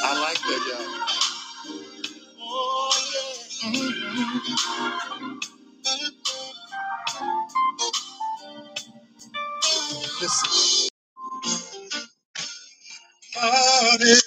I like that, y'all. This is-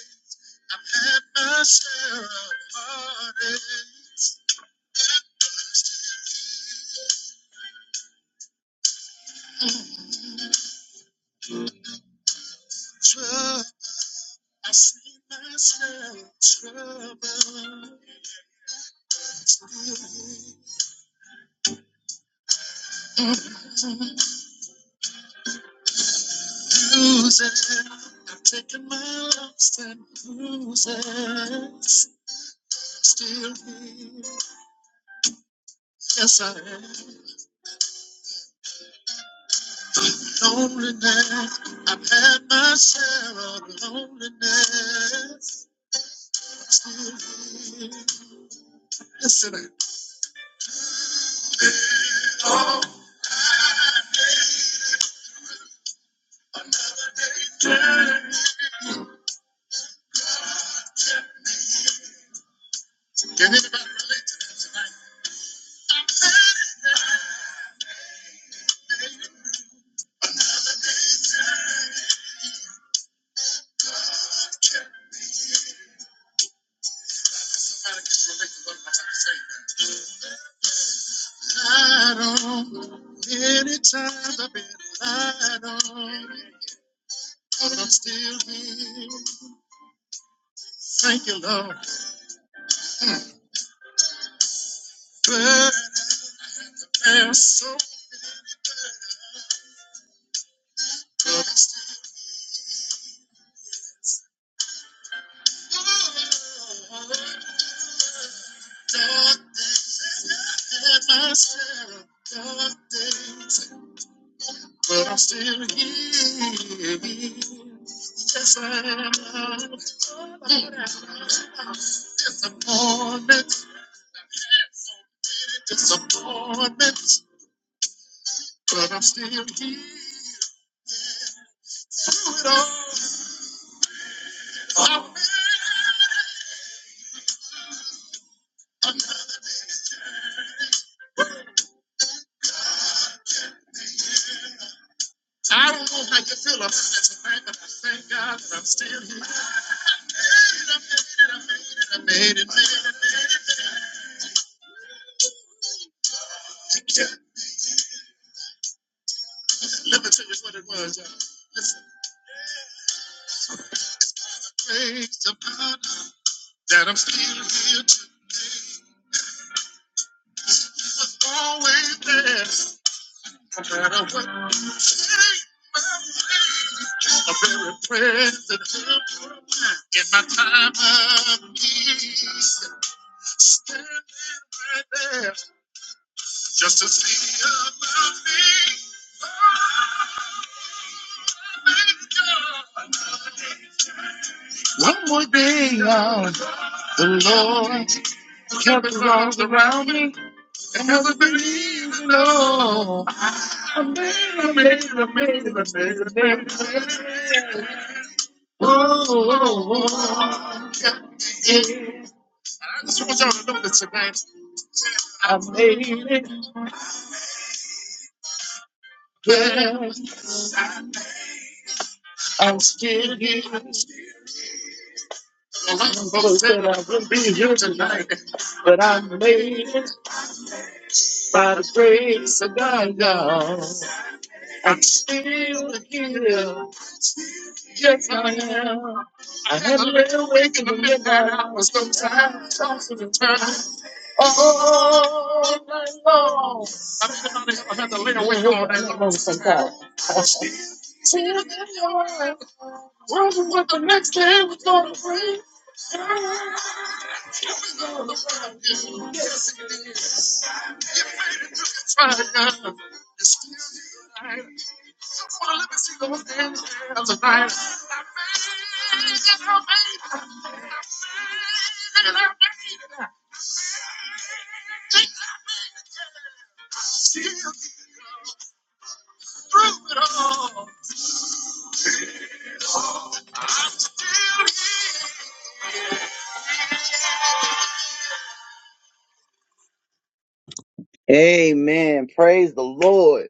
Amen. Praise the Lord.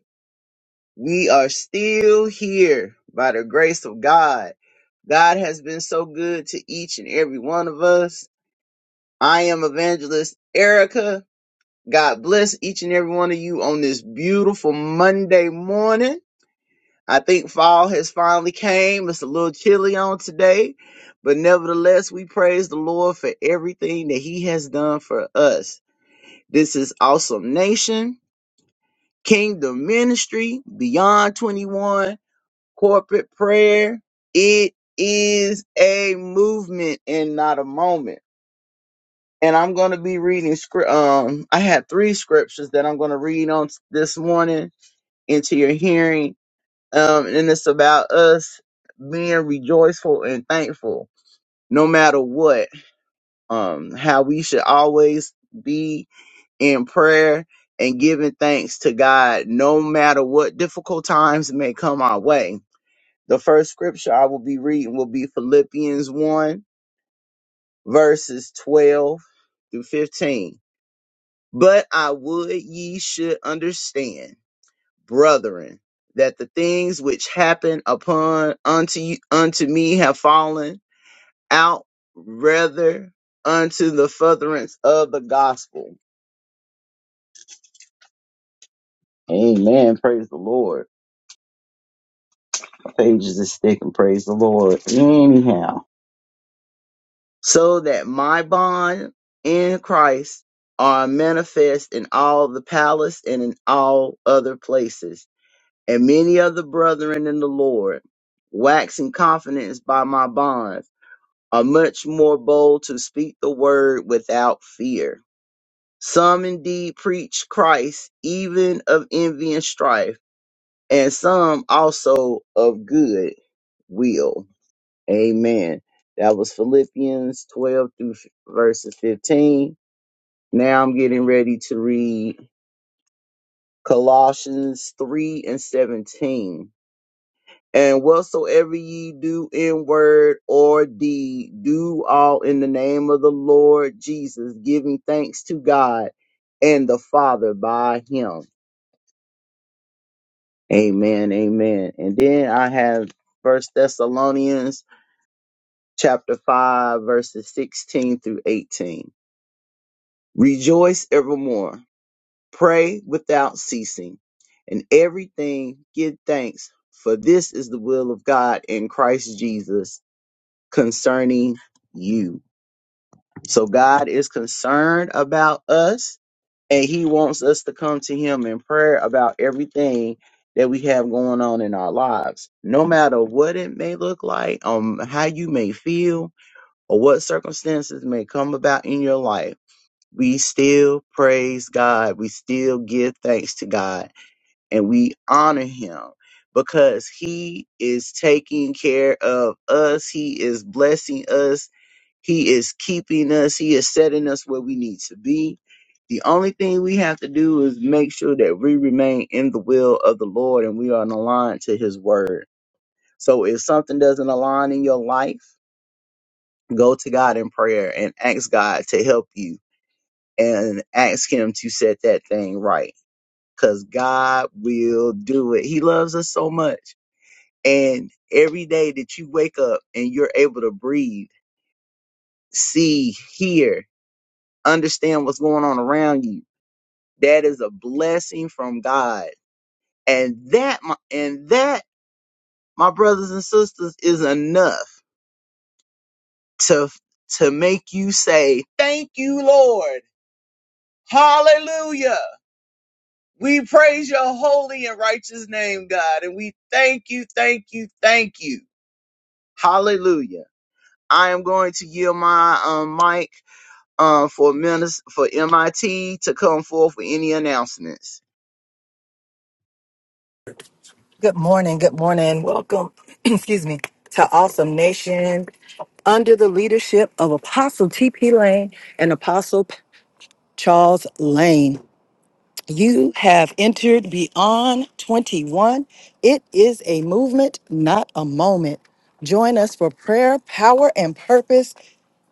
We are still here by the grace of God. God has been so good to each and every one of us. I am Evangelist Erica. God bless each and every one of you on this beautiful Monday morning. I think fall has finally came. It's a little chilly on today, but nevertheless, we praise the Lord for everything that he has done for us. This is Awesome Nation, Kingdom Ministry, Beyond 21, Corporate Prayer. It is a movement and not a moment. And I'm going to be reading script. Um, I had three scriptures that I'm going to read on this morning into your hearing. Um, and it's about us being rejoiceful and thankful no matter what. Um, how we should always be in prayer and giving thanks to God no matter what difficult times may come our way. The first scripture I will be reading will be Philippians 1, verses 12 through 15. But I would ye should understand, brethren, that the things which happen upon unto you, unto me have fallen out rather unto the furtherance of the gospel. Amen. Praise the Lord. pages of stick and praise the Lord. Anyhow, so that my bond in Christ are manifest in all the palace and in all other places, and many of the brethren in the Lord, waxing confidence by my bonds, are much more bold to speak the word without fear. Some indeed preach Christ even of envy and strife, and some also of good will. Amen. That was Philippians 12 through f- verses 15. Now I'm getting ready to read Colossians 3 and 17. And whatsoever ye do in word or deed, do all in the name of the Lord Jesus, giving thanks to God and the Father by him. Amen. Amen. And then I have First Thessalonians chapter 5, verses 16 through 18. Rejoice evermore. Pray without ceasing. In everything give thanks, for this is the will of God in Christ Jesus concerning you. So God is concerned about us and he wants us to come to him in prayer about everything that we have going on in our lives. No matter what it may look like, um how you may feel or what circumstances may come about in your life we still praise God. We still give thanks to God and we honor him because he is taking care of us. He is blessing us. He is keeping us. He is setting us where we need to be. The only thing we have to do is make sure that we remain in the will of the Lord and we are aligned to his word. So if something doesn't align in your life, go to God in prayer and ask God to help you and ask him to set that thing right because God will do it. He loves us so much. And every day that you wake up and you're able to breathe, see, hear, understand what's going on around you, that is a blessing from God. And that, my, and that, my brothers and sisters, is enough to, to make you say, thank you, Lord. Hallelujah. We praise your holy and righteous name, God, and we thank you, thank you, thank you. Hallelujah. I am going to yield my um, mic uh, for minis- for MIT to come forth with any announcements. Good morning. Good morning. Welcome, excuse me, to Awesome Nation under the leadership of Apostle T.P. Lane and Apostle P- Charles Lane. You have entered Beyond 21. It is a movement, not a moment. Join us for prayer, power, and purpose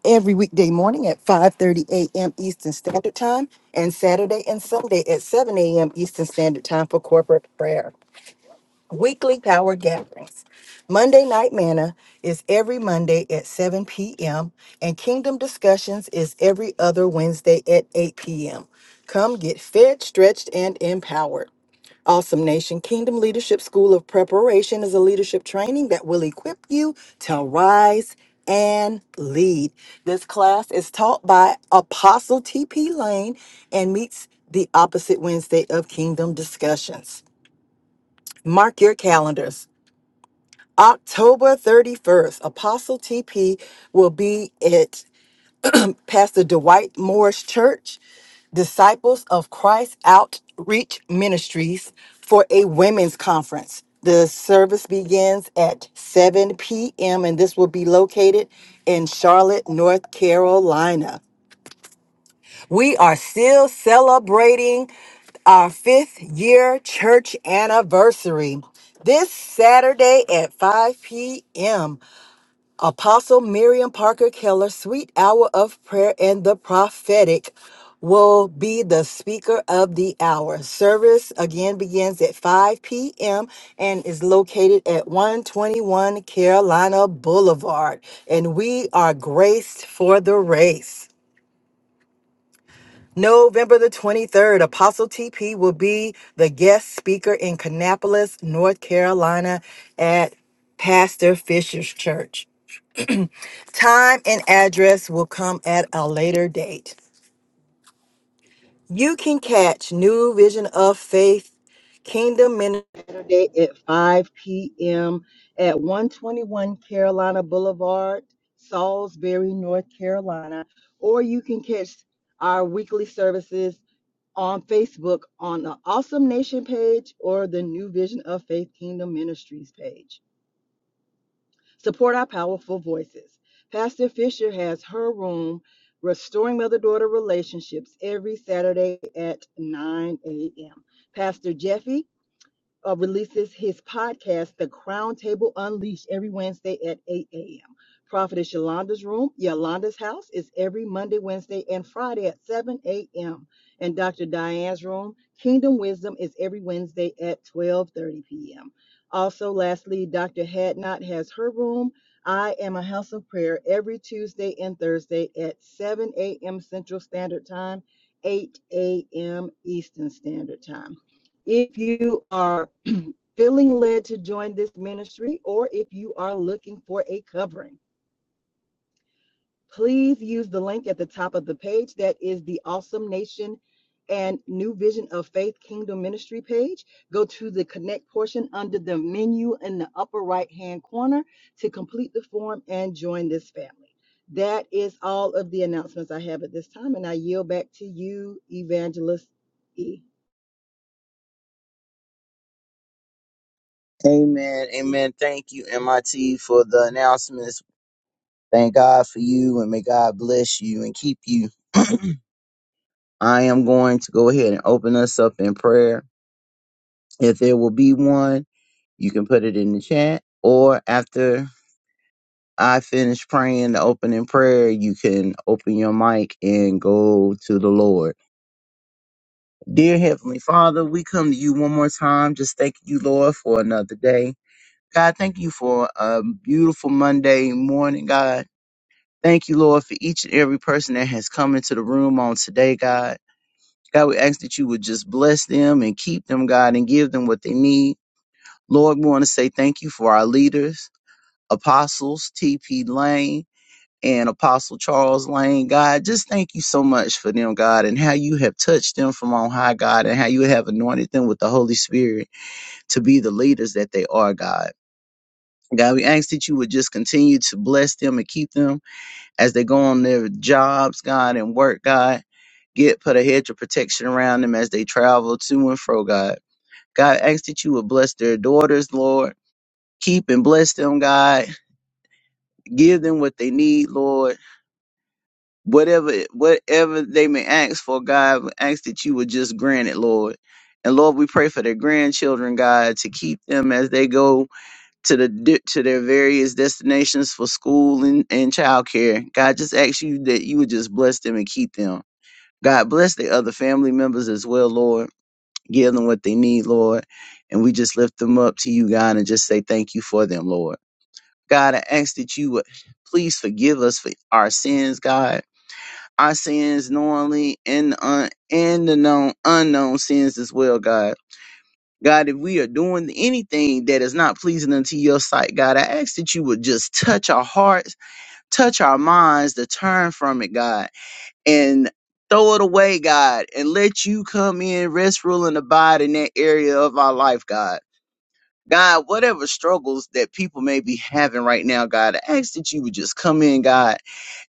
every weekday morning at 5:30 a.m. Eastern Standard Time and Saturday and Sunday at 7 a.m. Eastern Standard Time for corporate prayer. Weekly power gatherings. Monday Night Manna is every Monday at 7 p.m., and Kingdom Discussions is every other Wednesday at 8 p.m. Come get fed, stretched, and empowered. Awesome Nation Kingdom Leadership School of Preparation is a leadership training that will equip you to rise and lead. This class is taught by Apostle T.P. Lane and meets the opposite Wednesday of Kingdom Discussions. Mark your calendars. October 31st, Apostle TP will be at Pastor Dwight Morris Church, Disciples of Christ Outreach Ministries, for a women's conference. The service begins at 7 p.m., and this will be located in Charlotte, North Carolina. We are still celebrating our fifth year church anniversary this Saturday at 5 p.m. Apostle Miriam Parker Keller, Sweet Hour of Prayer and the Prophetic, will be the speaker of the hour. Service again begins at 5 p.m. and is located at 121 Carolina Boulevard. And we are graced for the race. November the 23rd, Apostle TP will be the guest speaker in Kannapolis, North Carolina at Pastor Fisher's Church. Time and address will come at a later date. You can catch New Vision of Faith Kingdom Ministry Saturday at 5 p.m. at 121 Carolina Boulevard, Salisbury, North Carolina. Or you can catch our weekly services on Facebook on the Awesome Nation page or the New Vision of Faith Kingdom Ministries page. Support our powerful voices. Pastor Fisher has her room, Restoring Mother Daughter Relationships, every Saturday at 9 a.m. Pastor Jeffy uh, releases his podcast, The Crown Table Unleashed, every Wednesday at 8 a.m. Prophetess Yolanda's Room, Yolanda's House, is every Monday, Wednesday, and Friday at 7 a.m. And Dr. Diane's Room, Kingdom Wisdom, is every Wednesday at 12:30 p.m. Also, lastly, Dr. Hadnot has her room. I am a house of prayer every Tuesday and Thursday at 7 a.m. Central Standard Time, 8 a.m. Eastern Standard Time. If you are feeling led to join this ministry, or if you are looking for a covering, please use the link at the top of the page. That is the Awesome Nation and New Vision of Faith Kingdom Ministry page. Go to the connect portion under the menu in the upper right hand corner to complete the form and join this family. That is all of the announcements I have at this time, and I yield back to you, Evangelist E. Amen. Amen. Thank you, MIT, for the announcements. Thank God for you, and may God bless you and keep you. I am going to go ahead and open us up in prayer. If there will be one, you can put it in the chat or after I finish praying the opening prayer, you can open your mic and go to the Lord. Dear Heavenly Father, we come to you one more time. Just thank you, Lord, for another day. God, thank you for a beautiful Monday morning, God. Thank you, Lord, for each and every person that has come into the room on today, God. God, we ask that you would just bless them and keep them, God, and give them what they need. Lord, we want to say thank you for our leaders, apostles, TP Lane. and Apostle Charles Lane, God, just thank you so much for them, God, and how you have touched them from on high, God, and how you have anointed them with the Holy Spirit to be the leaders that they are, God. God, we ask that you would just continue to bless them and keep them as they go on their jobs, God, and work, God. Get put a hedge of protection around them as they travel to and fro, God. God, I ask that you would bless their daughters, Lord. Keep and bless them, God. Give them what they need, Lord whatever whatever they may ask for, God, we ask that you would just grant it, Lord. And Lord, we pray for their grandchildren, God, to keep them as they go to the di- to their various destinations for school and, and childcare. God, just ask you that you would just bless them and keep them. God, bless the other family members as well, Lord. Give them what they need, Lord. And we just lift them up to you, God, and just say thank you for them, Lord. God, I ask that you would please forgive us for our sins, God our sins knowingly and the un- and the known unknown sins as well, God. God, if we are doing anything that is not pleasing unto your sight, God, I ask that you would just touch our hearts, touch our minds to turn from it, God, and throw it away, God, and let you come in, rest, rule, and abide in that area of our life, God. God, whatever struggles that people may be having right now, God, I ask that you would just come in, God,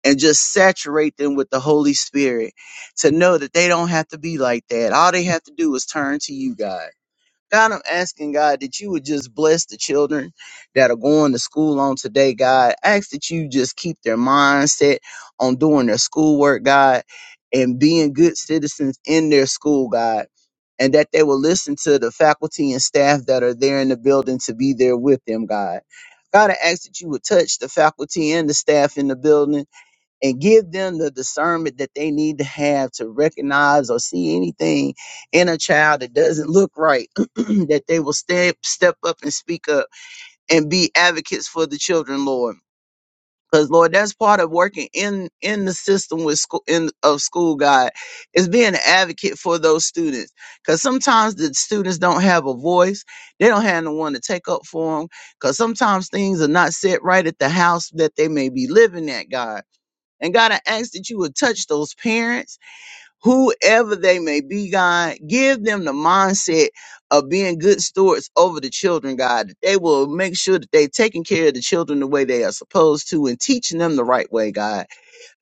and just saturate them with the Holy Spirit to know that they don't have to be like that. All they have to do is turn to you, God. God, I'm asking God that you would just bless the children that are going to school on today, God. Ask that you just keep their mindset on doing their schoolwork, God, and being good citizens in their school, God. And that they will listen to the faculty and staff that are there in the building to be there with them, God. God, I ask that you would touch the faculty and the staff in the building and give them the discernment that they need to have to recognize or see anything in a child that doesn't look right, that they will step step up and speak up and be advocates for the children, Lord. Because Lord, that's part of working in in the system with school in of school God is being an advocate for those students. Because sometimes the students don't have a voice, they don't have no one to take up for them. Because sometimes things are not set right at the house that they may be living at, God. And God, I ask that you would touch those parents, whoever they may be, God. Give them the mindset of being good stewards over the children, God. that They will make sure that they're taking care of the children the way they are supposed to and teaching them the right way, God.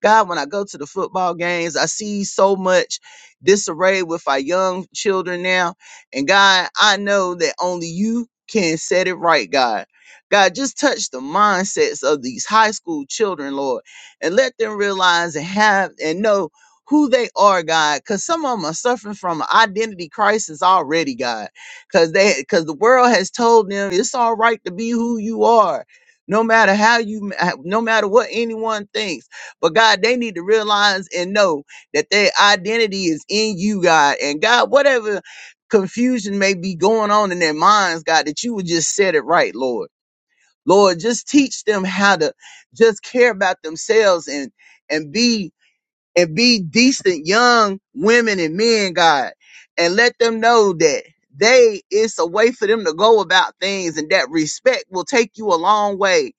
God, when I go to the football games, I see so much disarray with our young children now. And God, I know that only you can set it right, God. God, just touch the mindsets of these high school children, Lord, and let them realize and have and know who they are, God, because some of them are suffering from an identity crisis already, God, because they because the world has told them it's all right to be who you are, no matter how you, no matter what anyone thinks but God, they need to realize and know that their identity is in you, God. And God, whatever confusion may be going on in their minds, God, that you would just set it right, Lord. Lord, just teach them how to just care about themselves and and be and be decent young women and men, God. And let them know that they it's a way for them to go about things and that respect will take you a long way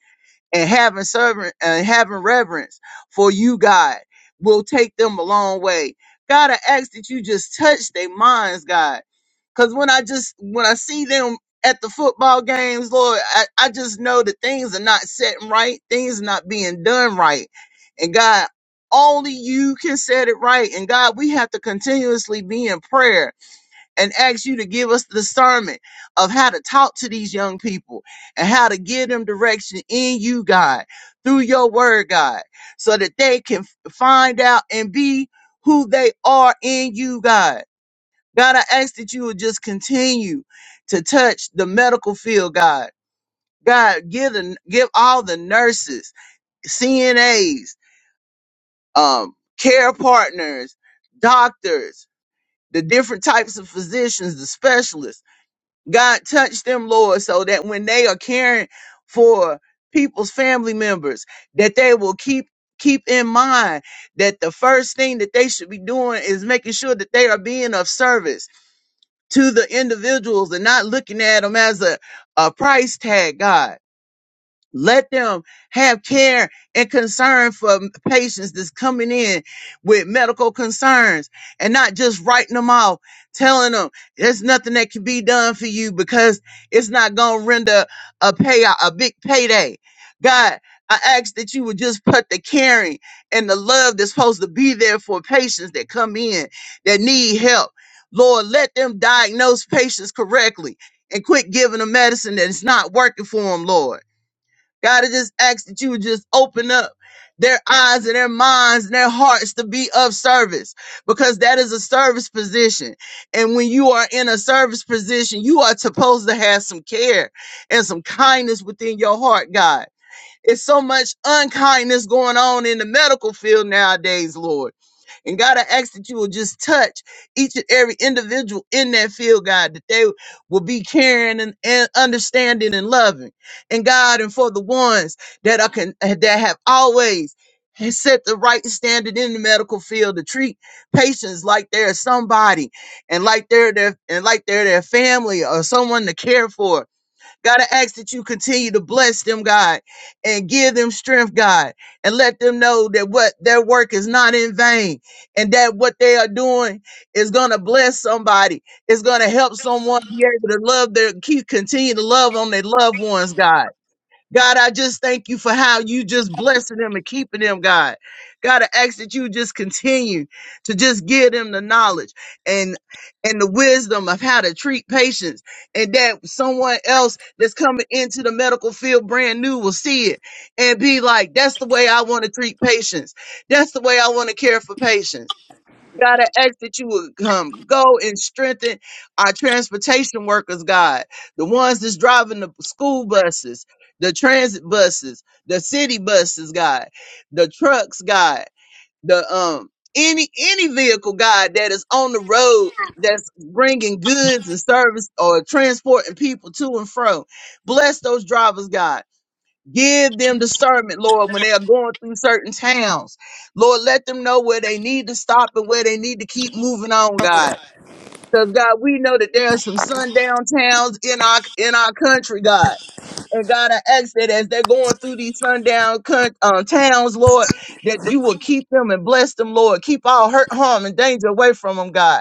and having servant and having reverence for you, God, will take them a long way. God, I ask that you just touch their minds, God. Cause when I just when I see them at the football games, Lord, I, I just know that things are not setting right, things are not being done right. And God, only you can set it right. And God, we have to continuously be in prayer and ask you to give us discernment of how to talk to these young people and how to give them direction in you, God, through your word, God, so that they can f- find out and be who they are in you, God. God, I ask that you would just continue to touch the medical field, God. God, give the, give all the nurses, CNAs, um, care partners, doctors, the different types of physicians, the specialists God touch them, Lord, so that when they are caring for people's family members, that they will keep keep in mind that the first thing that they should be doing is making sure that they are being of service to the individuals and not looking at them as a, a price tag, God. Let them have care and concern for patients that's coming in with medical concerns and not just writing them off, telling them there's nothing that can be done for you because it's not going to render a payout, a big payday. God, I ask that you would just put the caring and the love that's supposed to be there for patients that come in that need help. Lord, let them diagnose patients correctly and quit giving them medicine that is not working for them, Lord. God, I just ask that you would just open up their eyes and their minds and their hearts to be of service because that is a service position. And when you are in a service position, you are supposed to have some care and some kindness within your heart, God. It's so much unkindness going on in the medical field nowadays, Lord. And God, I ask that you will just touch each and every individual in that field, God, that they will be caring and, and understanding and loving. And God, and for the ones that are con- that have always has set the right standard in the medical field to treat patients like they're somebody and like they're their and like they're their family or someone to care for God, I ask that you continue to bless them, God, and give them strength, God, and let them know that what their work is not in vain and that what they are doing is going to bless somebody. It's going to help someone be able to love their, keep, continue to love on their loved ones, God. God, I just thank you for how you just blessing them and keeping them, God. God, I ask that you just continue to just give them the knowledge and and the wisdom of how to treat patients, and that someone else that's coming into the medical field brand new will see it and be like, "That's the way I want to treat patients. That's the way I want to care for patients." God, I ask that you would come, go and strengthen our transportation workers, God, the ones that's driving the school buses, the transit buses, the city buses, God, the trucks, God, the um any any vehicle, God, that is on the road that's bringing goods and service or transporting people to and fro. Bless those drivers, God. Give them discernment, Lord, when they are going through certain towns. Lord, let them know where they need to stop and where they need to keep moving on, God. Because God, we know that there are some sundown towns in our in our country, God. And God, I ask that as they're going through these sundown coun- uh, towns, Lord, that you will keep them and bless them, Lord. Keep all hurt, harm, and danger away from them, God.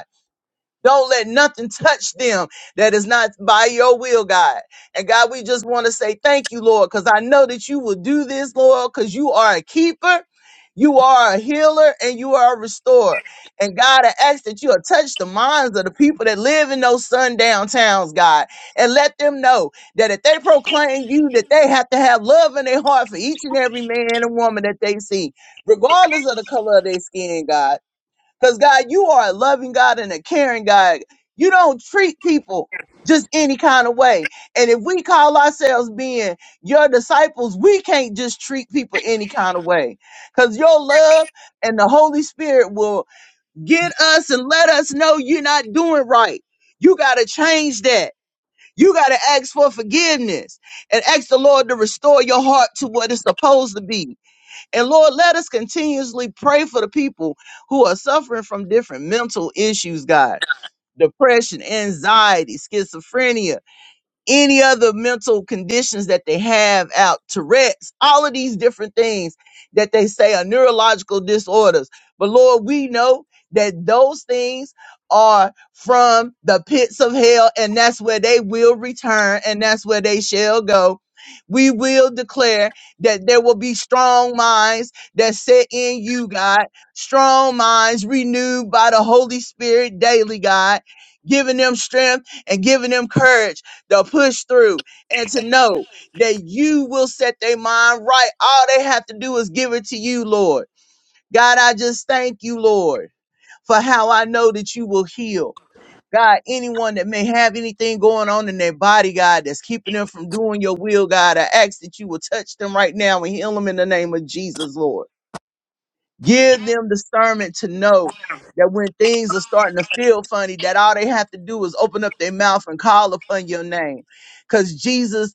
Don't let nothing touch them that is not by your will, God. And God, we just want to say thank you, Lord, because I know that you will do this, Lord, because you are a keeper, you are a healer, and you are a restorer. And God, I ask that you will touch the minds of the people that live in those sundown towns, God, and let them know that if they proclaim you, that they have to have love in their heart for each and every man and woman that they see, regardless of the color of their skin, God. Because God, you are a loving God and a caring God. You don't treat people just any kind of way. And if we call ourselves being your disciples, we can't just treat people any kind of way. Because your love and the Holy Spirit will get us and let us know you're not doing right. You got to change that. You got to ask for forgiveness and ask the Lord to restore your heart to what it's supposed to be and Lord, let us continuously pray for the people who are suffering from different mental issues, God. Depression, anxiety, schizophrenia, any other mental conditions that they have out, Tourette's, all of these different things that they say are neurological disorders. But Lord, we know that those things are from the pits of hell, and that's where they will return, and that's where they shall go. We will declare that there will be strong minds that set in you, God, strong minds renewed by the Holy Spirit daily, God, giving them strength and giving them courage the push through, and to know that you will set their mind right. All they have to do is give it to you, Lord. God, I just thank you, Lord, for how I know that you will heal. God, anyone that may have anything going on in their body, God, that's keeping them from doing your will, God, I ask that you will touch them right now and heal them in the name of Jesus, Lord. Give them discernment to know that when things are starting to feel funny, that all they have to do is open up their mouth and call upon your name. Because Jesus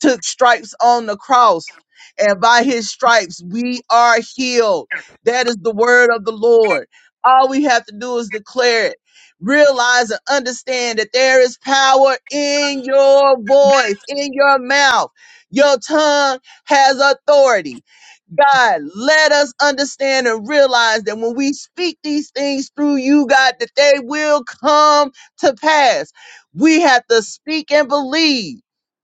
took stripes on the cross, and by his stripes we are healed. That is the word of the Lord. All we have to do is declare it. Realize and understand that there is power in your voice, in your mouth. Your tongue has authority. God, let us understand and realize that when we speak these things through you, God, that they will come to pass. We have to speak and believe.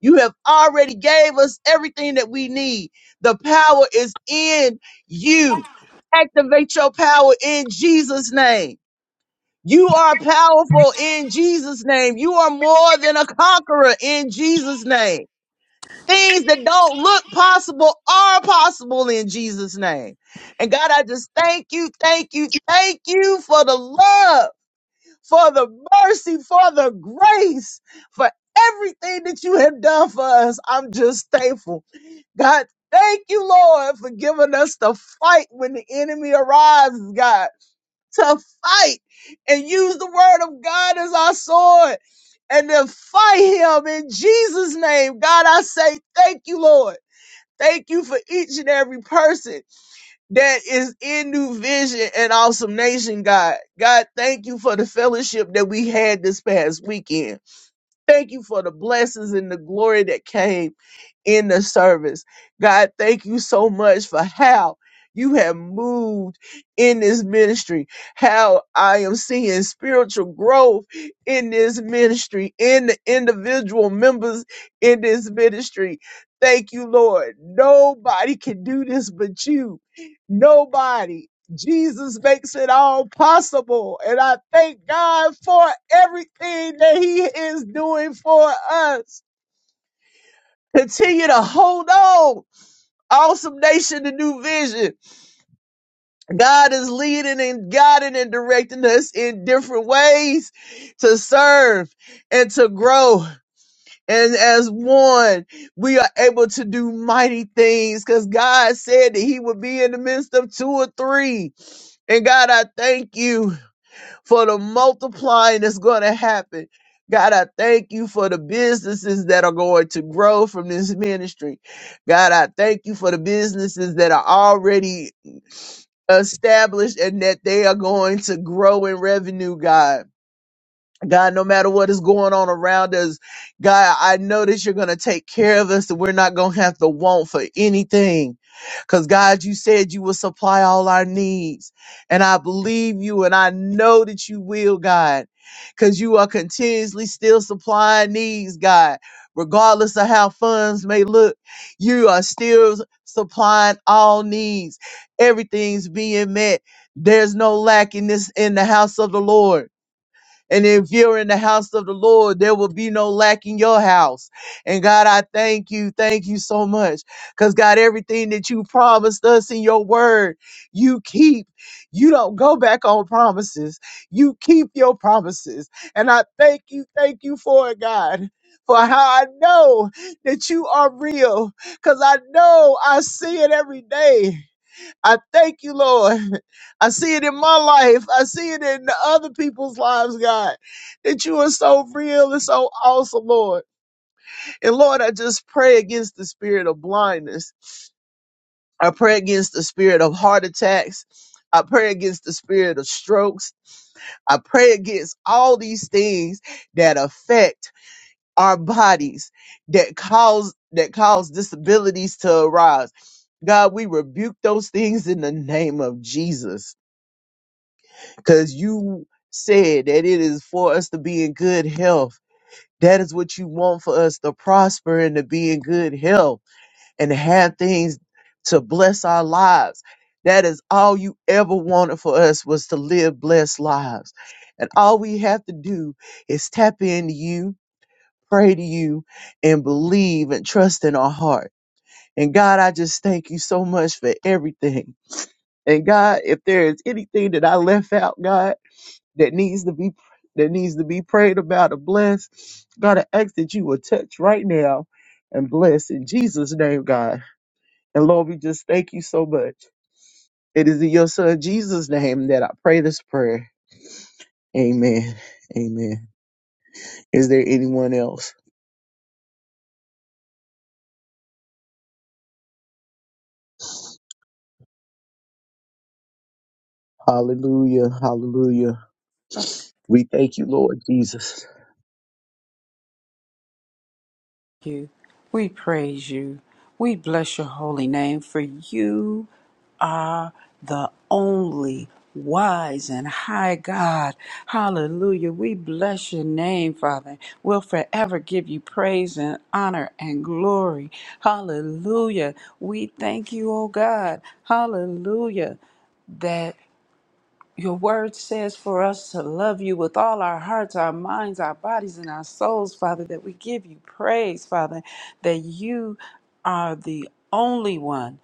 You have already gave us everything that we need. The power is in you. Activate your power in Jesus' name. You are powerful in Jesus' name. You are more than a conqueror in Jesus' name. Things that don't look possible are possible in Jesus' name. And God, I just thank you, thank you, thank you for the love for the mercy, for the grace, for everything that you have done for us. I'm just thankful. God, thank you, Lord, for giving us the fight when the enemy arises. God, to fight and use the word of God as our sword and to fight him in Jesus' name. God, I say thank you, Lord. Thank you for each and every person that is in New Vision and Awesome Nation, God. God, thank you for the fellowship that we had this past weekend. Thank you for the blessings and the glory that came in the service. God, thank you so much for how you have moved in this ministry, how I am seeing spiritual growth in this ministry, in the individual members in this ministry. Thank you, Lord. Nobody can do this but you. Nobody. Jesus makes it all possible. And I thank God for everything that He is doing for us. Continue to hold on. Awesome nation, the new vision. God is leading and guiding and directing us in different ways to serve and to grow. And as one, we are able to do mighty things because God said that He would be in the midst of two or three. And God, I thank you. for the multiplying that's going to happen. God, I thank you for the businesses that are going to grow from this ministry. God, I thank you for the businesses that are already established and that they are going to grow in revenue, God. God, no matter what is going on around us, God, I know that you're going to take care of us and we're not going to have to want for anything. Because, God, you said you will supply all our needs. And I believe you and I know that you will, God, because you are continuously still supplying needs, God. Regardless of how funds may look, you are still supplying all needs. Everything's being met. There's no lack in this in the house of the Lord. And if you're in the house of the Lord, there will be no lack in your house. And God, I thank you. Thank you so much. Because God, everything that you promised us in your word, you keep. You don't go back on promises. You keep your promises. And I thank you. Thank you for it, God. For how I know that you are real, because I know I see it every day. I thank you, Lord. I see it in my life. I see it in other people's lives, God, that you are so real and so awesome, Lord. And Lord, I just pray against the spirit of blindness. I pray against the spirit of heart attacks. I pray against the spirit of strokes. I pray against all these things that affect our bodies, that cause that cause disabilities to arise. God, we rebuke those things in the name of Jesus. because you said that it is for us to be in good health. That is what you want for us to prosper and to be in good health and have things to bless our lives. That is all you ever wanted for us was to live blessed lives. And all we have to do is tap into you, pray to you, and believe and trust in our heart. And God, I just thank you so much for everything. And God, if there is anything that I left out, God, that needs to be that needs to be prayed about or blessed. God, I ask that you will touch right now and bless in Jesus' name, God. And Lord, we just thank you so much. It is in your son Jesus' name that I pray this prayer. Amen. Amen. Is there anyone else? Hallelujah. Hallelujah. We thank you, Lord Jesus. you. We praise you. We bless your holy name, for you are the only wise and high God. Hallelujah. We bless your name, Father. We'll forever give you praise and honor and glory. Hallelujah. We thank you, oh God. Hallelujah. That. Your word says for us to love you with all our hearts, our minds, our bodies, and our souls, Father, that we give you praise, Father, that you are the only one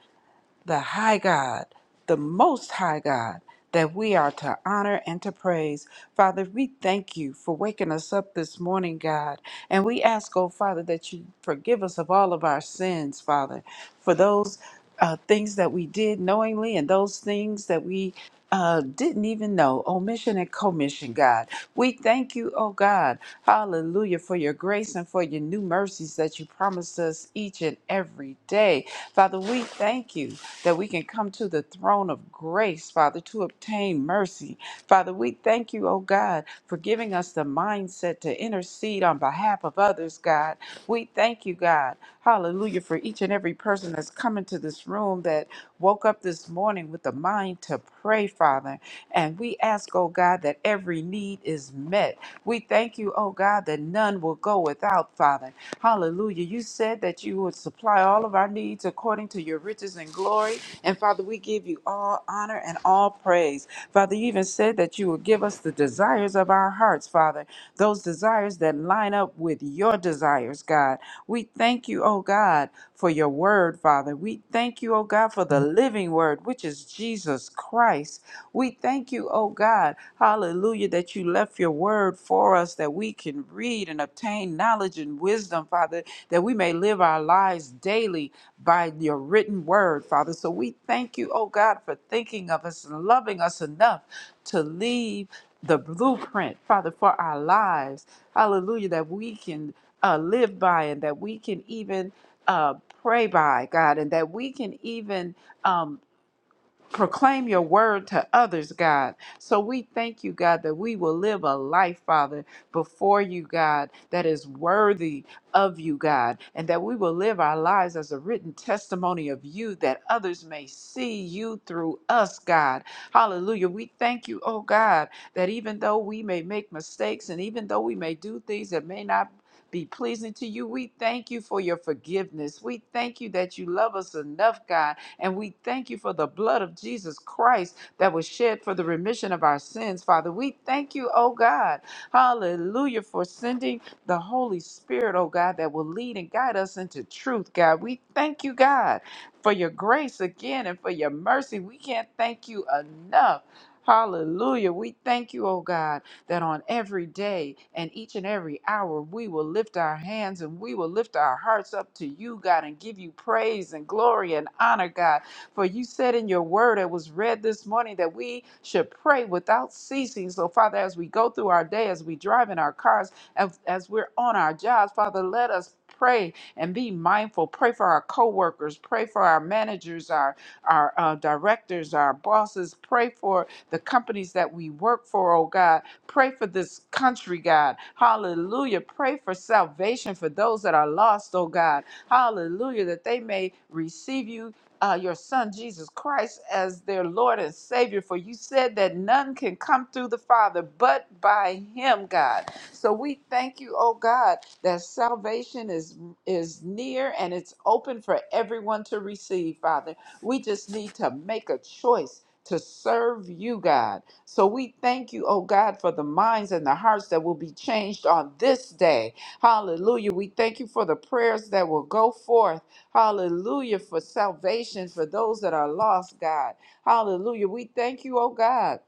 the high God, the most high God, that we are to honor and to praise. Father, we thank you for waking us up this morning, God. And we ask, oh Father, that you forgive us of all of our sins, Father, for those uh, things that we did knowingly and those things that we uh, didn't even know, omission and commission, God. We thank you, oh God, hallelujah, for your grace and for your new mercies that you promise us each and every day. Father, we thank you that we can come to the throne of grace, Father, to obtain mercy. Father, we thank you, oh God, for giving us the mindset to intercede on behalf of others, God. We thank you, God. Hallelujah, for each and every person that's come into this room that woke up this morning with the mind to pray, Father. And we ask, oh God, that every need is met. We thank you, oh God, that none will go without, Father. Hallelujah. You said that you would supply all of our needs according to your riches and glory. And Father, we give you all honor and all praise. Father, you even said that you would give us the desires of our hearts, Father, those desires that line up with your desires, God. We thank you, oh God, for your word, Father. We thank you, oh God, for the living word, which is Jesus Christ. We thank you, oh God, hallelujah, that you left your word for us that we can read and obtain knowledge and wisdom, Father, that we may live our lives daily by your written word, Father. So we thank you, oh God, for thinking of us and loving us enough to leave the blueprint, Father, for our lives. Hallelujah, that we can uh, live by and that we can even uh, pray by, God, and that we can even um, proclaim your word to others, God. So we thank you, God, that we will live a life, Father, before you, God, that is worthy of you, God, and that we will live our lives as a written testimony of you that others may see you through us, God. Hallelujah. We thank you, oh God, that even though we may make mistakes and even though we may do things that may not be pleasing to you. We thank you for your forgiveness. We thank you that you love us enough, God, and we thank you for the blood of Jesus Christ that was shed for the remission of our sins, Father. We thank you, oh God. Hallelujah, for sending the Holy Spirit, oh God, that will lead and guide us into truth, God. We thank you, God, for your grace again and for your mercy. We can't thank you enough. Hallelujah. We thank you, oh God that on every day and each and every hour we will lift our hands and we will lift our hearts up to you, God, and give you praise and glory and honor, God. For you said in your word that was read this morning that we should pray without ceasing. So, Father, as we go through our day, as we drive in our cars, as, as we're on our jobs, Father, let us pray and be mindful. Pray for our coworkers, pray for our managers, our our uh, directors, our bosses. Pray for the companies that we work for, oh God. Pray for this country, God. Hallelujah. Pray for salvation for those that are lost, oh God. Hallelujah. That they may receive you. Uh, your son Jesus Christ as their Lord and Savior, for you said that none can come through the Father but by Him, God. So we thank you, oh God, that salvation is is near and it's open for everyone to receive, Father. We just need to make a choice to serve you, God. So we thank you, oh God, for the minds and the hearts that will be changed on this day. Hallelujah. We thank you for the prayers that will go forth. Hallelujah. For salvation for those that are lost, God. Hallelujah. We thank you, oh God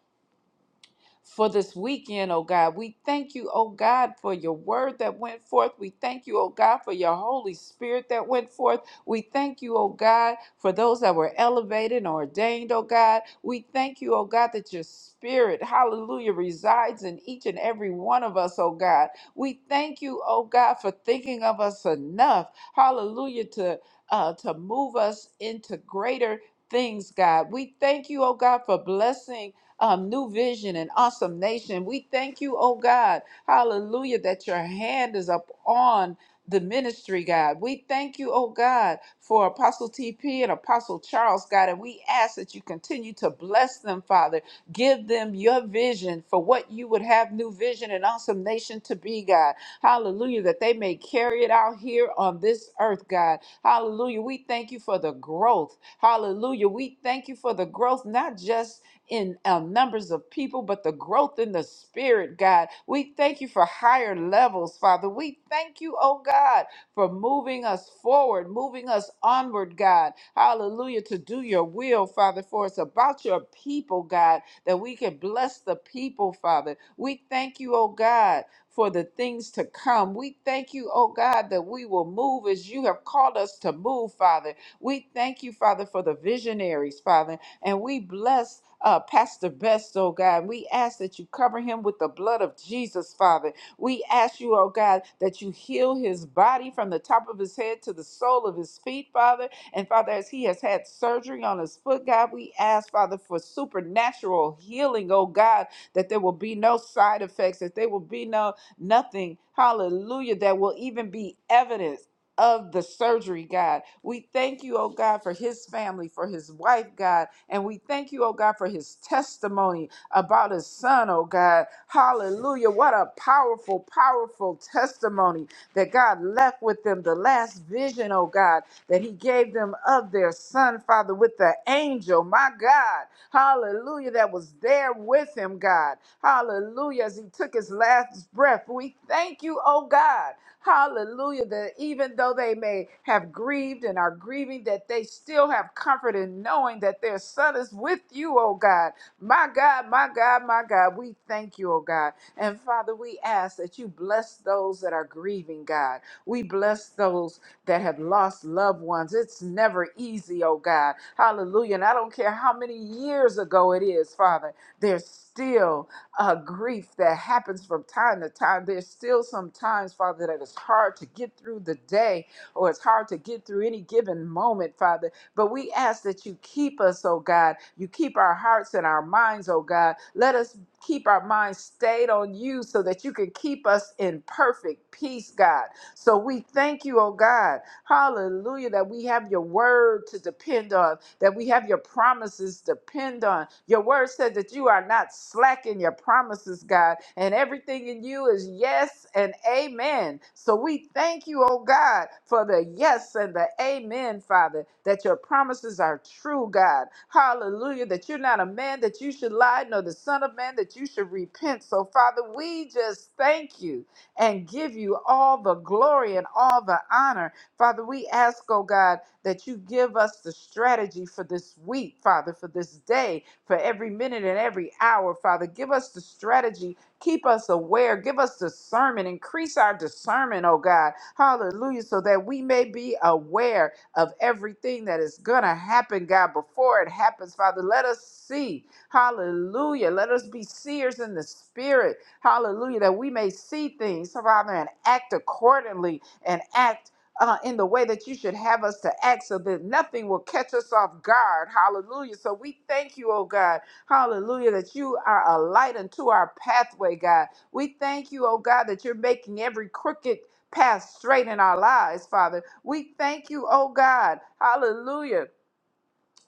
for this weekend, oh God. We thank you, oh God, for your word that went forth. We thank you, oh God, for your Holy Spirit that went forth. We thank you, oh God, for those that were elevated and ordained, oh God. We thank you, oh God, that your spirit, hallelujah, resides in each and every one of us, oh God. We thank you, oh God, for thinking of us enough, hallelujah, to uh, to move us into greater things, God. We thank you, oh God, for blessing um, New Vision and Awesome Nation. We thank you, oh God, hallelujah, that your hand is up on the ministry, God. We thank you, oh God, for Apostle TP and Apostle Charles, God, and we ask that you continue to bless them, Father. Give them your vision for what you would have New Vision and Awesome Nation to be, God. Hallelujah, that they may carry it out here on this earth, God. Hallelujah. We thank you for the growth. Hallelujah. We thank you for the growth, not just in uh, numbers of people, but the growth in the spirit, God. We thank you for higher levels, Father. We thank you, oh God, for moving us forward, moving us onward, God. Hallelujah, to do your will, Father, for it's about your people, God, that we can bless the people, Father. We thank you, oh God. For the things to come. We thank you, oh God, that we will move as you have called us to move, Father. We thank you, Father, for the visionaries, Father. And we bless uh, Pastor Best, oh God. We ask that you cover him with the blood of Jesus, Father. We ask you, oh God, that you heal his body from the top of his head to the sole of his feet, Father. And Father, as he has had surgery on his foot, God, we ask, Father, for supernatural healing, oh God, that there will be no side effects, that there will be no nothing, hallelujah, that will even be evidence of the surgery, God. We thank you, oh God, for his family, for his wife, God. And we thank you, oh God, for his testimony about his son, oh God. Hallelujah. What a powerful, powerful testimony that God left with them. The last vision, oh God, that he gave them of their son, Father, with the angel, my God. Hallelujah. That was there with him, God. Hallelujah. As he took his last breath, we thank you, oh God. Hallelujah. That even though they may have grieved and are grieving, that they still have comfort in knowing that their son is with you, oh God. My God, my God, my God, we thank you, oh God. And Father, we ask that you bless those that are grieving, God. We bless those that have lost loved ones. It's never easy, oh God. Hallelujah. And I don't care how many years ago it is, Father, there's still uh, grief that happens from time to time. There's still some times, Father, that it's hard to get through the day or it's hard to get through any given moment, Father. But we ask that you keep us, oh God. You keep our hearts and our minds, oh God. Let us keep our minds stayed on you so that you can keep us in perfect peace, God. So we thank you, oh God. Hallelujah, that we have your word to depend on that we have your promises depend on. Your word said that you are not slack in your promises, God, and everything in you is yes and amen. So we thank you, oh God, for the yes and the amen, Father, that your promises are true, God. Hallelujah, that you're not a man that you should lie, nor the Son of Man that you should repent. So, Father, we just thank you and give you all the glory and all the honor. Father, we ask, oh God, that you give us the strategy for this week, Father, for this day, for every minute and every hour, Father. Give us the strategy. Keep us aware. Give us discernment. Increase our discernment, oh God. Hallelujah. So that we may be aware of everything that is going to happen, God, before it happens, Father. Let us see. Hallelujah. Let us be seers in the spirit. Hallelujah. That we may see things, Father, and act accordingly and act uh, in the way that you should have us to act so that nothing will catch us off guard. Hallelujah. So we thank you, oh God. Hallelujah, that you are a light unto our pathway, God. We thank you, oh God, that you're making every crooked path straight in our lives, Father. We thank you, oh God. Hallelujah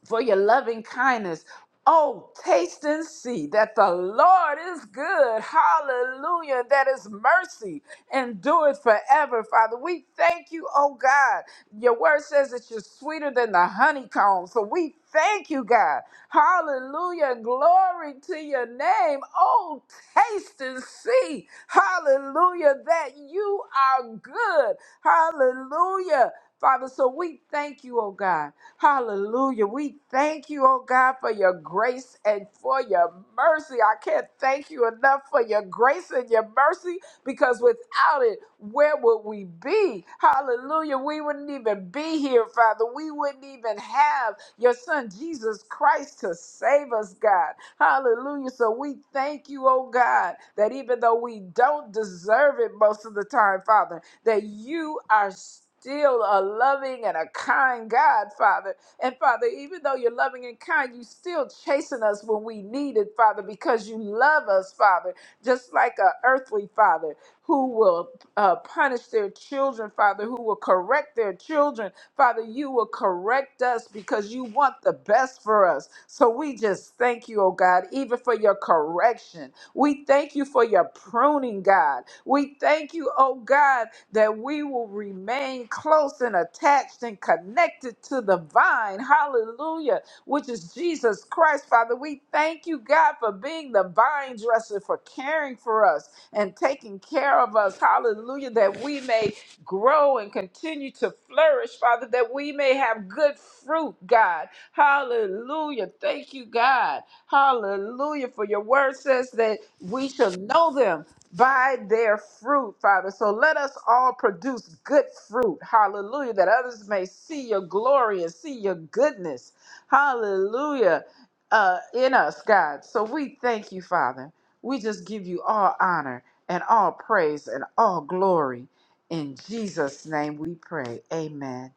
for your loving kindness. Oh, taste and see that the Lord is good. Hallelujah. That his mercy endures forever, Father. We thank you, oh God. Your word says that you're sweeter than the honeycomb. So we thank you, God. Hallelujah. Glory to your name. Oh, taste and see. Hallelujah. That you are good. Hallelujah. Father, so we thank you, oh God. Hallelujah. We thank you, oh God, for your grace and for your mercy. I can't thank you enough for your grace and your mercy because without it, where would we be? Hallelujah. We wouldn't even be here, Father. We wouldn't even have your son Jesus Christ to save us, God. Hallelujah. So we thank you, oh God, that even though we don't deserve it most of the time, Father, that you are still a loving and a kind God, Father. And Father, even though you're loving and kind, you still chasing us when we need it, Father, because you love us, Father, just like a earthly father who will uh, punish their children, Father, who will correct their children. Father, you will correct us because you want the best for us. So we just thank you, oh God, even for your correction. We thank you for your pruning, God. We thank you, oh God, that we will remain close and attached and connected to the vine. Hallelujah, which is Jesus Christ. Father, we thank you, God, for being the vine dresser, for caring for us and taking care of us. Hallelujah, that we may grow and continue to flourish, Father, that we may have good fruit, God. Hallelujah. Thank you, God. Hallelujah. For your word says that we shall know them by their fruit, Father. So let us all produce good fruit. Hallelujah. That others may see your glory and see your goodness. Hallelujah. Uh, in us, God. So we thank you, Father. We just give you all honor and all praise and all glory. In Jesus' name we pray. Amen.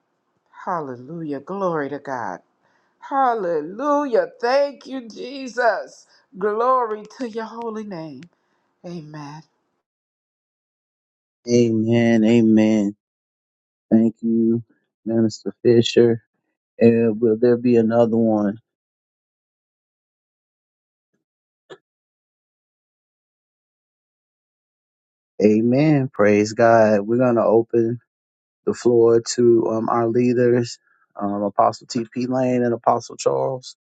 Hallelujah. Glory to God. Hallelujah. Thank you, Jesus. Glory to your holy name. Amen. Amen. Amen. Thank you, Minister Fisher. And will there be another one? Amen. Praise God. We're going to open the floor to um, our leaders, um, Apostle T.P. Lane and Apostle Charles.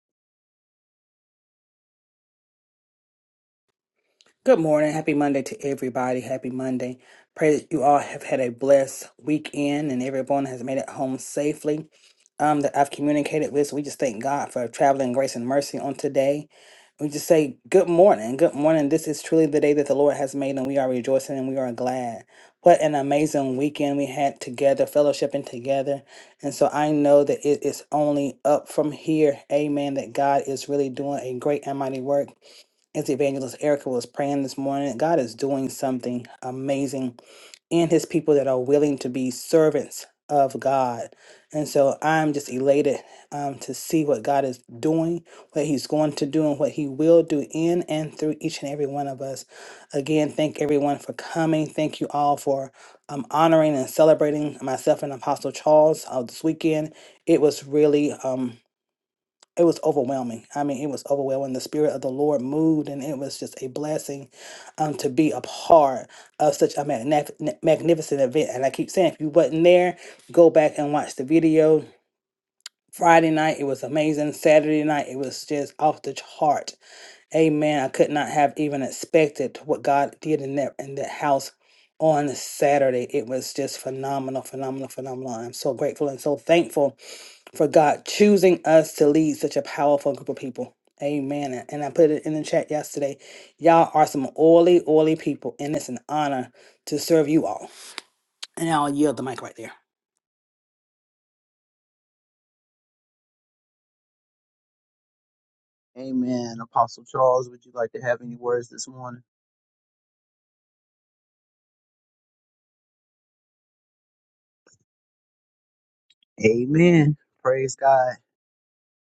Good morning. Happy Monday to everybody. Happy Monday. Pray that you all have had a blessed weekend and everyone has made it home safely. Um, that I've communicated with. So we just thank God for traveling grace and mercy on today. We just say good morning. Good morning. This is truly the day that the Lord has made, and we are rejoicing and we are glad. What an amazing weekend we had together, fellowshipping together. And so I know that it is only up from here. Amen. That God is really doing a great and mighty work as Evangelist Erica was praying this morning, God is doing something amazing in his people that are willing to be servants of God. And so I'm just elated um, to see what God is doing, what he's going to do, and what he will do in and through each and every one of us. Again, thank everyone for coming. Thank you all for um, honoring and celebrating myself and Apostle Charles uh, this weekend. It was really. um, it was overwhelming. I mean, it was overwhelming. The spirit of the Lord moved, and it was just a blessing um, to be a part of such a magnif- magnificent event. And I keep saying, if you wasn't there, go back and watch the video. Friday night, it was amazing. Saturday night, it was just off the chart. Amen. I could not have even expected what God did in that in that house on Saturday. It was just phenomenal, phenomenal, phenomenal. I'm so grateful and so thankful for God choosing us to lead such a powerful group of people. Amen. And I put it in the chat yesterday. Y'all are some oily, oily people, and it's an honor to serve you all. And I'll yield the mic right there. Amen. Apostle Charles, would you like to have any words this morning? Amen. Praise God.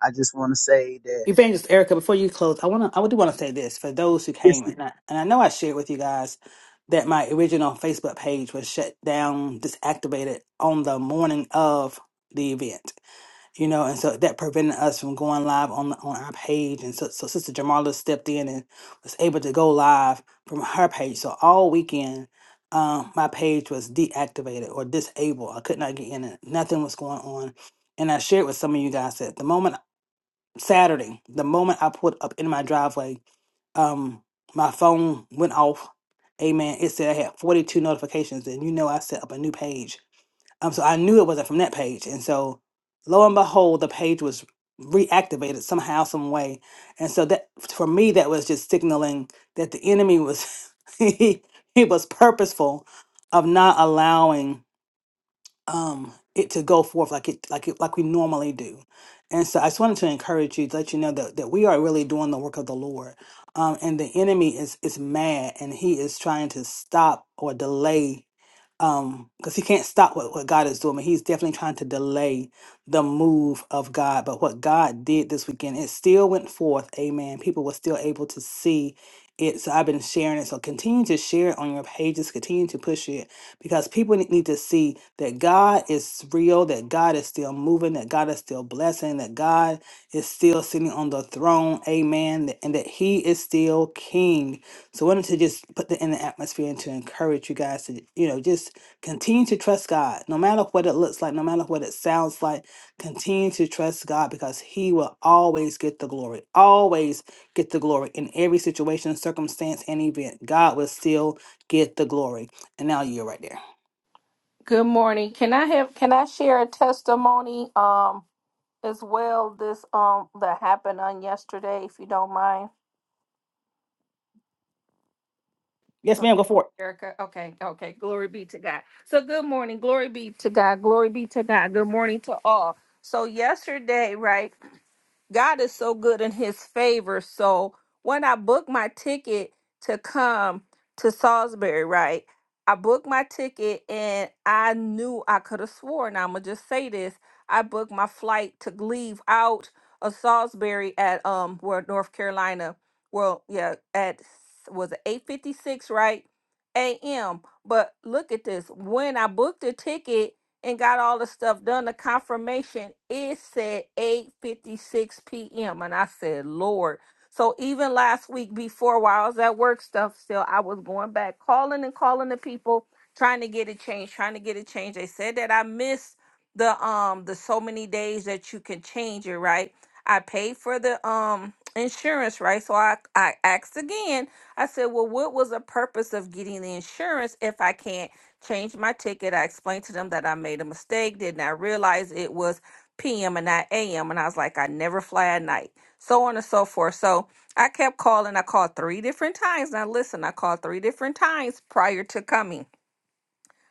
I just want to say that. Evangelist Erica, before you close, I wanna I do want to say this for those who Yes, came ma'am. and I, and I know I shared with you guys that my original Facebook page was shut down, disactivated on the morning of the event. you know, and so that prevented us from going live on on our page. And so, so Sister Jamala stepped in and was able to go live from her page. So all weekend, um, my page was deactivated or disabled. I could not get in it. Nothing was going on. And I shared with some of you guys that the moment Saturday, the moment I pulled up in my driveway, um, my phone went off. Amen. It said I had 42 notifications, and you know I set up a new page um, so I knew it wasn't from that page. And so lo and behold, the page was reactivated somehow, some way. And so that for me, that was just signaling that the enemy was he, he was purposeful of not allowing um it to go forth like it like it like we normally do. And so I just wanted to encourage you to let you know that, that we are really doing the work of the Lord. Um, and the enemy is is mad and he is trying to stop or delay um because he can't stop what, what god is doing but he's definitely trying to delay the move of god but what god did this weekend it still went forth amen people were still able to see it so i've been sharing it so continue to share it on your pages continue to push it because people ne- need to see that god is real that god is still moving that god is still blessing that god is still sitting on the throne amen and that he is still king so I wanted to just put that in the atmosphere and to encourage you guys to, you know, just Continue to trust God, no matter what it looks like, no matter what it sounds like. Continue to trust God because He will always get the glory. Always get the glory in every situation, circumstance, and event. God will still get the glory. And now you're right there. Good morning. Can I have can I share a testimony um as well this um that happened on yesterday if you don't mind? Yes, ma'am. Okay, Go for it. Erica. Okay, okay. Glory be to God. So good morning. Glory be to God. Glory be to God. Good morning to all. So yesterday, right? God is so good in his favor. So when I booked my ticket to come to Salisbury, right? I booked my ticket and I knew I could have sworn, I'm going to just say this. I booked my flight to leave out of Salisbury at um where North Carolina. Well, yeah, at s- was it 8:56, right? AM. But look at this. When I booked the ticket, and got all the stuff done. The confirmation it said 8:56 p.m. and I said, "Lord." So even last week before while I was at work stuff still I was going back calling and calling the people trying to get it changed, trying to get it changed. They said that I missed the um the so many days that you can change it, right? I paid for the um insurance, right? So I I asked again. I said, "Well, what was the purpose of getting the insurance if I can't changed my ticket. I explained to them that I made a mistake, did not realize it was PM and not AM. And I was like, I never fly at night, so on and so forth. So I kept calling. I called three different times. Now, listen, I called three different times prior to coming.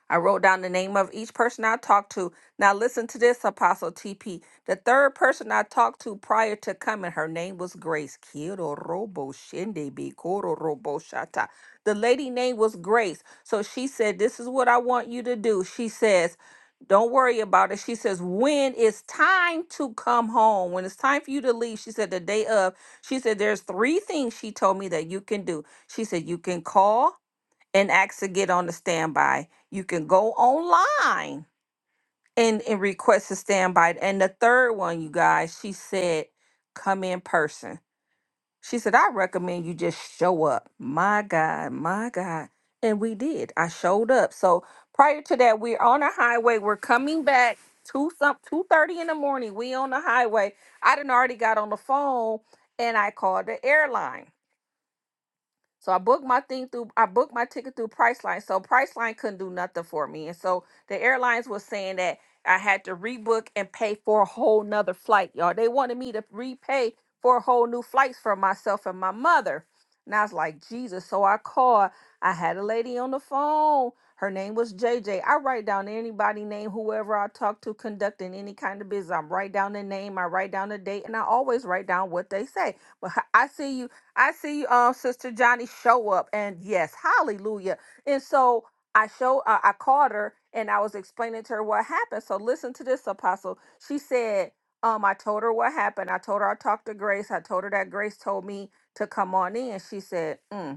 I wrote down the name of each person I talked to. Now, listen to this, Apostle TP. The third person I talked to prior to coming, her name was Grace. Kiro Robo Shinde Bi Koro Robo Shata. The lady name was Grace. So she said, This is what I want you to do. She says, Don't worry about it. She says, When it's time to come home, when it's time for you to leave, she said, The day of, she said, There's three things she told me that you can do. She said, You can call and ask to get on the standby. You can go online and, and request a standby. And the third one, you guys, she said, come in person. She said, I recommend you just show up. My God, my God. And we did. I showed up. So prior to that, we're on a highway. We're coming back to some two thirty in the morning. We on the highway. I done already got on the phone and I called the airline so I booked my thing through I booked my ticket through Priceline. So Priceline couldn't do nothing for me. And so the airlines was saying that I had to rebook and pay for a whole nother flight, y'all. They wanted me to repay for a whole new flights for myself and my mother. And I was like, Jesus. So I called. I had a lady on the phone. Her name was JJ. I write down anybody name, whoever I talk to conducting any kind of business. I write down the name, I write down the date, and I always write down what they say. But I see you. I see um Sister Johnny show up, and yes, hallelujah. And so I show uh, I called her and I was explaining to her what happened. So listen to this, Apostle. She said, um, I told her what happened. I told her I talked to Grace. I told her that Grace told me to come on in. She said, mm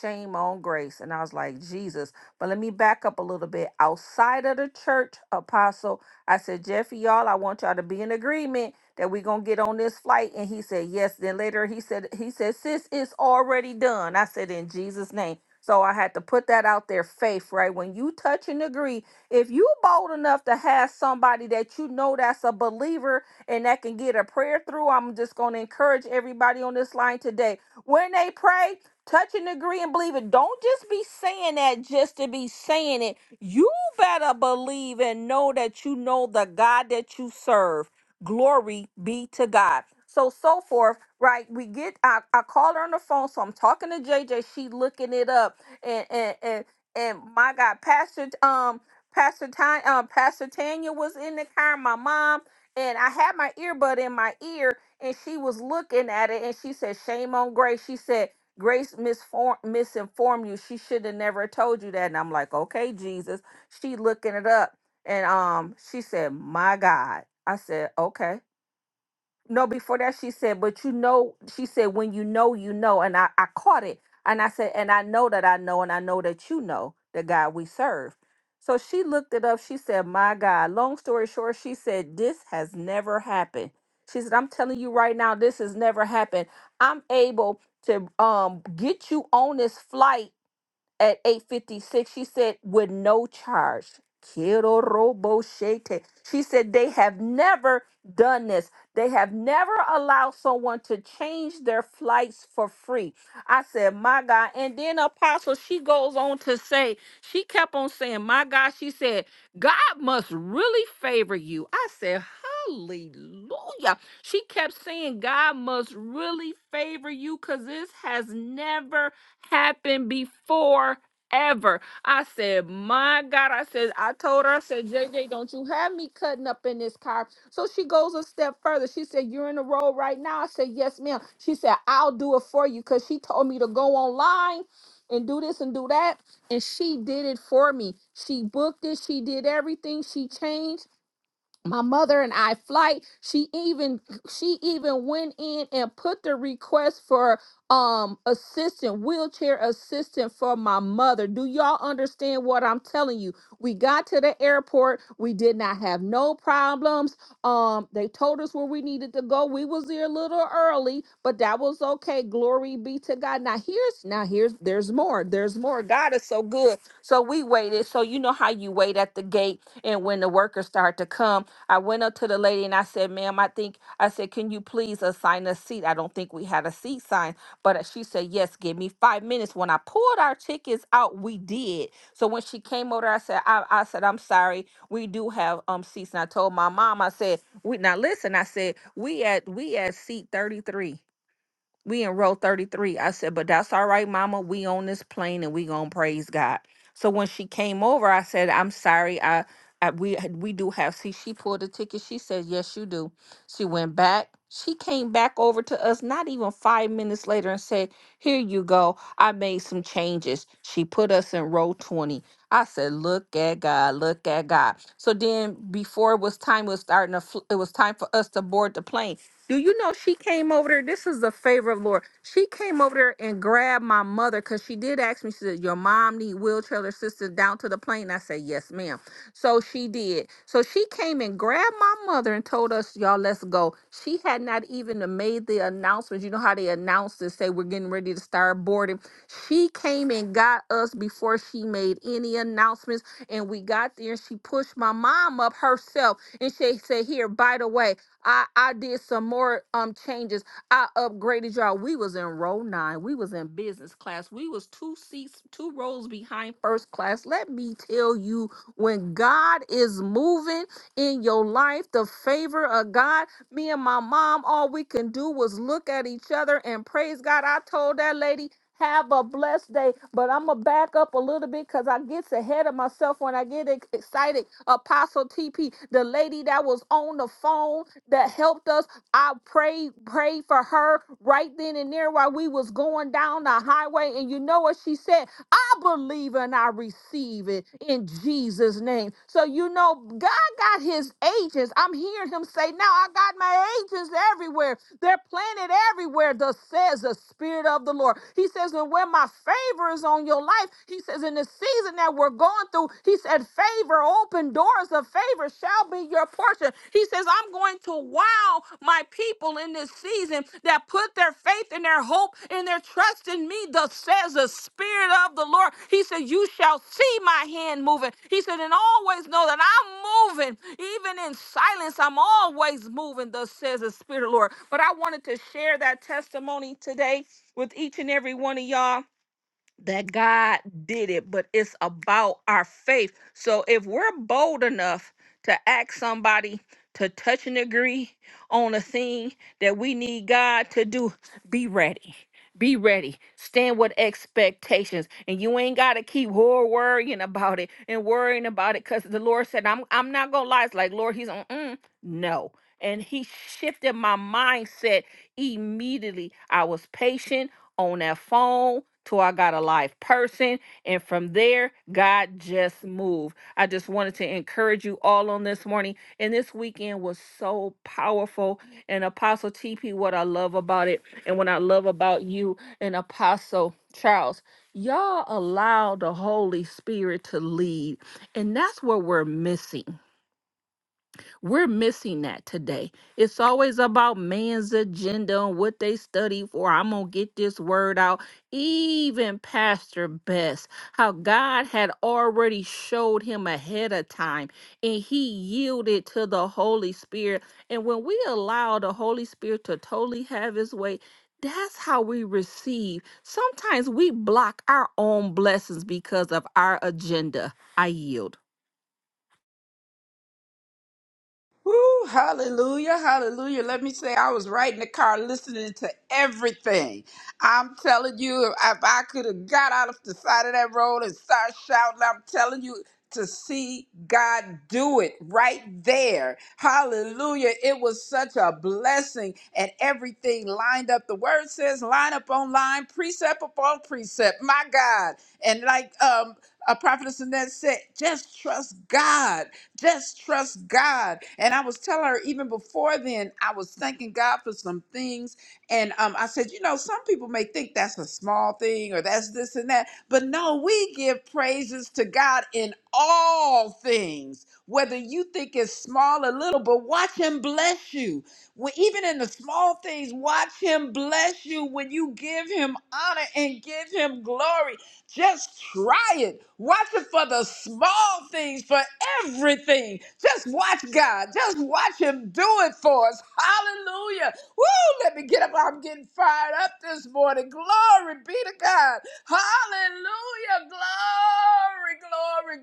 shame on grace. And I was like, Jesus. But let me back up a little bit. Outside of the church, apostle, I said, Jeffy, y'all, I want y'all to be in agreement that we're gonna get on this flight. And he said, Yes. Then later he said, he said, sis, it's already done. I said, in Jesus' name. So I had to put that out there, faith, right? When you touch and agree, if you bold enough to have somebody that you know that's a believer and that can get a prayer through, I'm just gonna encourage everybody on this line today. When they pray, Touch and agree and believe it. Don't just be saying that just to be saying it. You better believe and know that you know the God that you serve. Glory be to God. So so forth, right? We get I, I call her on the phone, so I'm talking to JJ. She looking it up. And and and and my God, Pastor um Pastor Tanya um Pastor Tanya was in the car, my mom, and I had my earbud in my ear and she was looking at it and she said, Shame on grace. She said, Grace misform- misinformed you. She should have never told you that. And I'm like, okay, Jesus. She looking it up. And um, she said, My God. I said, okay no, before that she said, but you know, she said, when you know, you know. And I, I caught it. And I said, and I know that I know, and I know that you know the God we serve. So she looked it up. She said, my God, long story short, she said, this has never happened. She said, I'm telling you right now, this has never happened. I'm able to um, get you on this flight at 856 she said with no charge Quiero robo she said they have never done this they have never allowed someone to change their flights for free i said my god and then apostle she goes on to say she kept on saying my god she said god must really favor you i said hallelujah she kept saying god must really favor you because this has never happened before ever. I said, my God, I said, I told her, I said, "J J, don't you have me cutting up in this car. So she goes a step further. She said, You're in the road right now. I said, Yes, ma'am. She said, I'll do it for you because she told me to go online and do this and do that. And she did it for me. She booked it. She did everything. She changed my mother and I flight. She even she even went in and put the request for um assistant, wheelchair assistant for my mother. Do y'all understand what I'm telling you? We got to the airport. We did not have no problems. Um they told us where we needed to go. We was there a little early, but that was okay. Glory be to God. Now here's now here's there's more. There's more. God is so good. So we waited. So you know how you wait at the gate and when the workers start to come I went up to the lady and I said, ma'am, I think, I said, can you please assign a seat? I don't think we had a seat sign. But uh, she said, yes, give me five minutes. When I pulled our tickets out, we did. So when she came over, I said, I, I said, I'm sorry, we do have um seats. And I told my mom, I said, we now listen, I said, we at we at seat 33. We in row 33. I said, but that's all right, mama. We on this plane and we gonna praise God. So when she came over, I said, I'm sorry. I, I we we do have see, she pulled a ticket. She said, Yes, you do. She went back. She came back over to us not even five minutes later and said, Here you go. I made some changes. She put us in row 20. I said, Look at God, look at God. So then before it was time, it was starting to fl- it was time for us to board the plane. Do you know she came over there? This is the favor of Lord. She came over there and grabbed my mother because she did ask me. She said, "Your mom need wheelchair assistance down to the plane." I said, "Yes, ma'am." So she did. So she came and grabbed my mother and told us, "Y'all, let's go." She had not even made the announcements. You know how they announce and say we're getting ready to start boarding. She came and got us before she made any announcements, and we got there. and She pushed my mom up herself, and she said, "Here, by the way." I I did some more um changes. I upgraded y'all. We was in row nine. We was in business class. We was two seats, two rows behind first class. Let me tell you, when God is moving in your life, the favor of God. Me and my mom, all we can do was look at each other and praise God. I told that lady. Have a blessed day, but I'm gonna back up a little bit because I gets ahead of myself when I get ex- excited. Apostle TP, the lady that was on the phone that helped us. I prayed, prayed for her right then and there while we was going down the highway. And you know what she said? I believe and I receive it in Jesus' name. So you know, God got his agents. I'm hearing him say, Now I got my agents everywhere. They're planted everywhere, thus says the Spirit of the Lord. He says, And when my favor is on your life, he says, In the season that we're going through, he said, Favor, open doors of favor shall be your portion. He says, I'm going to wow my." my people in this season that put their faith and their hope and their trust in me, thus says the Spirit of the Lord. He said, You shall see my hand moving. He said, And always know that I'm moving. Even in silence, I'm always moving, thus says the Spirit of the Lord. But I wanted to share that testimony today with each and every one of y'all that God did it, but it's about our faith. So if we're bold enough to ask somebody to touch and agree on a thing that we need God to do, be ready. Be ready. Stand with expectations. And you ain't gotta keep wor- worrying about it and worrying about it. Cause the Lord said, I'm I'm not gonna lie. It's like Lord, He's on mm, no. And he shifted my mindset immediately. I was patient on that phone till I got a live person. And from there, God just moved. I just wanted to encourage you all on this morning. And this weekend was so powerful. And Apostle TP, what I love about it, and what I love about you and Apostle Charles, y'all allow the Holy Spirit to lead. And that's what we're missing. We're missing that today. It's always about man's agenda and what they study for. I'm going to get this word out. Even Pastor Best, how God had already showed him ahead of time and he yielded to the Holy Spirit. And when we allow the Holy Spirit to totally have his way, that's how we receive. Sometimes we block our own blessings because of our agenda. I yield. Woo, hallelujah, hallelujah. Let me say, I was right in the car listening to everything. I'm telling you, if if I could have got out of the side of that road and started shouting, I'm telling you to see God do it right there. Hallelujah. It was such a blessing, and everything lined up. The word says, line up on line, precept upon precept. My God. And like um, a prophetess Annette said, just trust God. Just trust God. And I was telling her even before then, I was thanking God for some things. And um, I said, you know, some people may think that's a small thing or that's this and that, but no, we give praises to God in all things, whether you think it's small or little, but watch Him bless you. When, even in the small things, watch Him bless you when you give Him honor and give Him glory. Just try it. Watch it for the small things, for everything. Just watch God. Just watch Him do it for us. Hallelujah. Woo! Let me get up. I'm getting fired up this morning. Glory be to God. Hallelujah. Glory,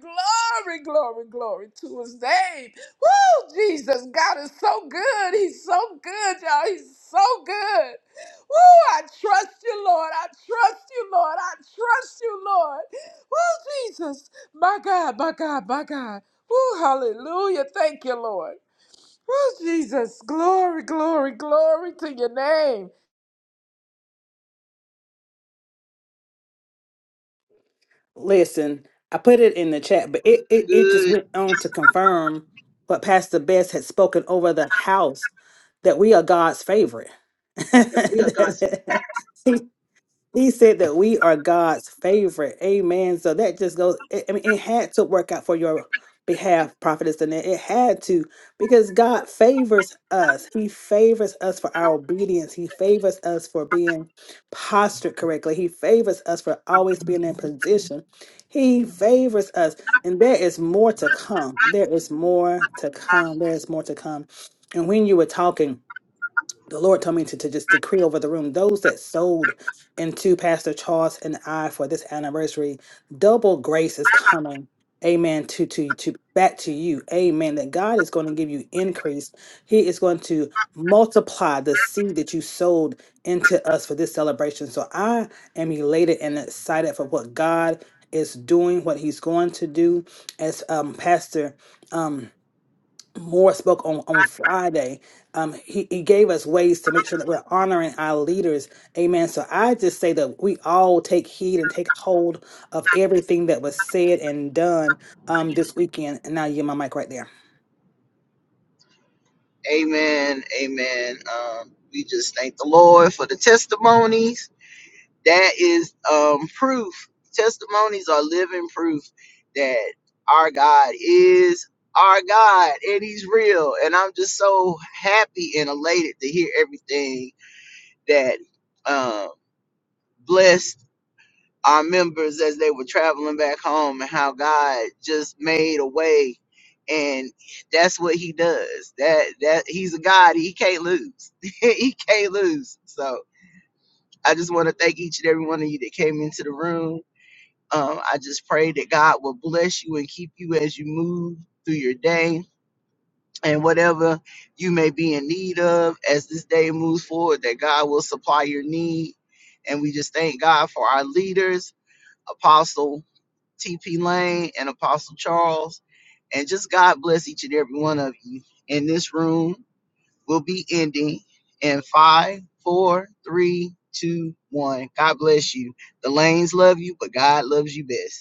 glory, glory, glory, glory to His name. Woo! Jesus, God is so good. He's so good, y'all. He's so good. Woo, I trust you, Lord. I trust you, Lord. I trust you, Lord. Oh, Jesus. My God, my God, my God. Woo, hallelujah. Thank you, Lord. Oh, Jesus. Glory, glory, glory to your name. Listen, I put it in the chat, but it it, it just went on to confirm what Pastor Best had spoken over the house that we are God's favorite. He said that we are God's favorite. Amen. So that just goes, I I mean, it had to work out for your behalf, prophetess Annette. It had to, because God favors us. He favors us for our obedience. He favors us for being postured correctly. He favors us for always being in position. He favors us. And there is more to come. There is more to come. There is more to come. And when you were talking, the Lord told me to, to just decree over the room those that sold into Pastor Charles and I for this anniversary, double grace is coming. Amen. To to to back to you. Amen. That God is going to give you increase. He is going to multiply the seed that you sold into us for this celebration. So I am elated and excited for what God is doing, what He's going to do. As um Pastor um Moore spoke on, on Friday. Um, he, he gave us ways to make sure that we're honoring our leaders. Amen. So I just say that we all take heed and take hold of everything that was said and done um, this weekend. And now you my mic right there. Amen. Amen. Um, we just thank the Lord for the testimonies. that is um, proof. Testimonies are living proof that our God is our God and He's real. And I'm just so happy and elated to hear everything that um, blessed our members as they were traveling back home and how God just made a way. And that's what he does. That that he's a God. He can't lose. he can't lose. So I just want to thank each and every one of you that came into the room Um, I just pray that God will bless you and keep you as you move through your day and whatever you may be in need of as this day moves forward, that God will supply your need. And we just thank God for our leaders, Apostle T.P. Lane and Apostle Charles. And just God bless each and every one of you. And this room will be ending in five, four, three, two, one. God bless you. The lanes love you, but God loves you best.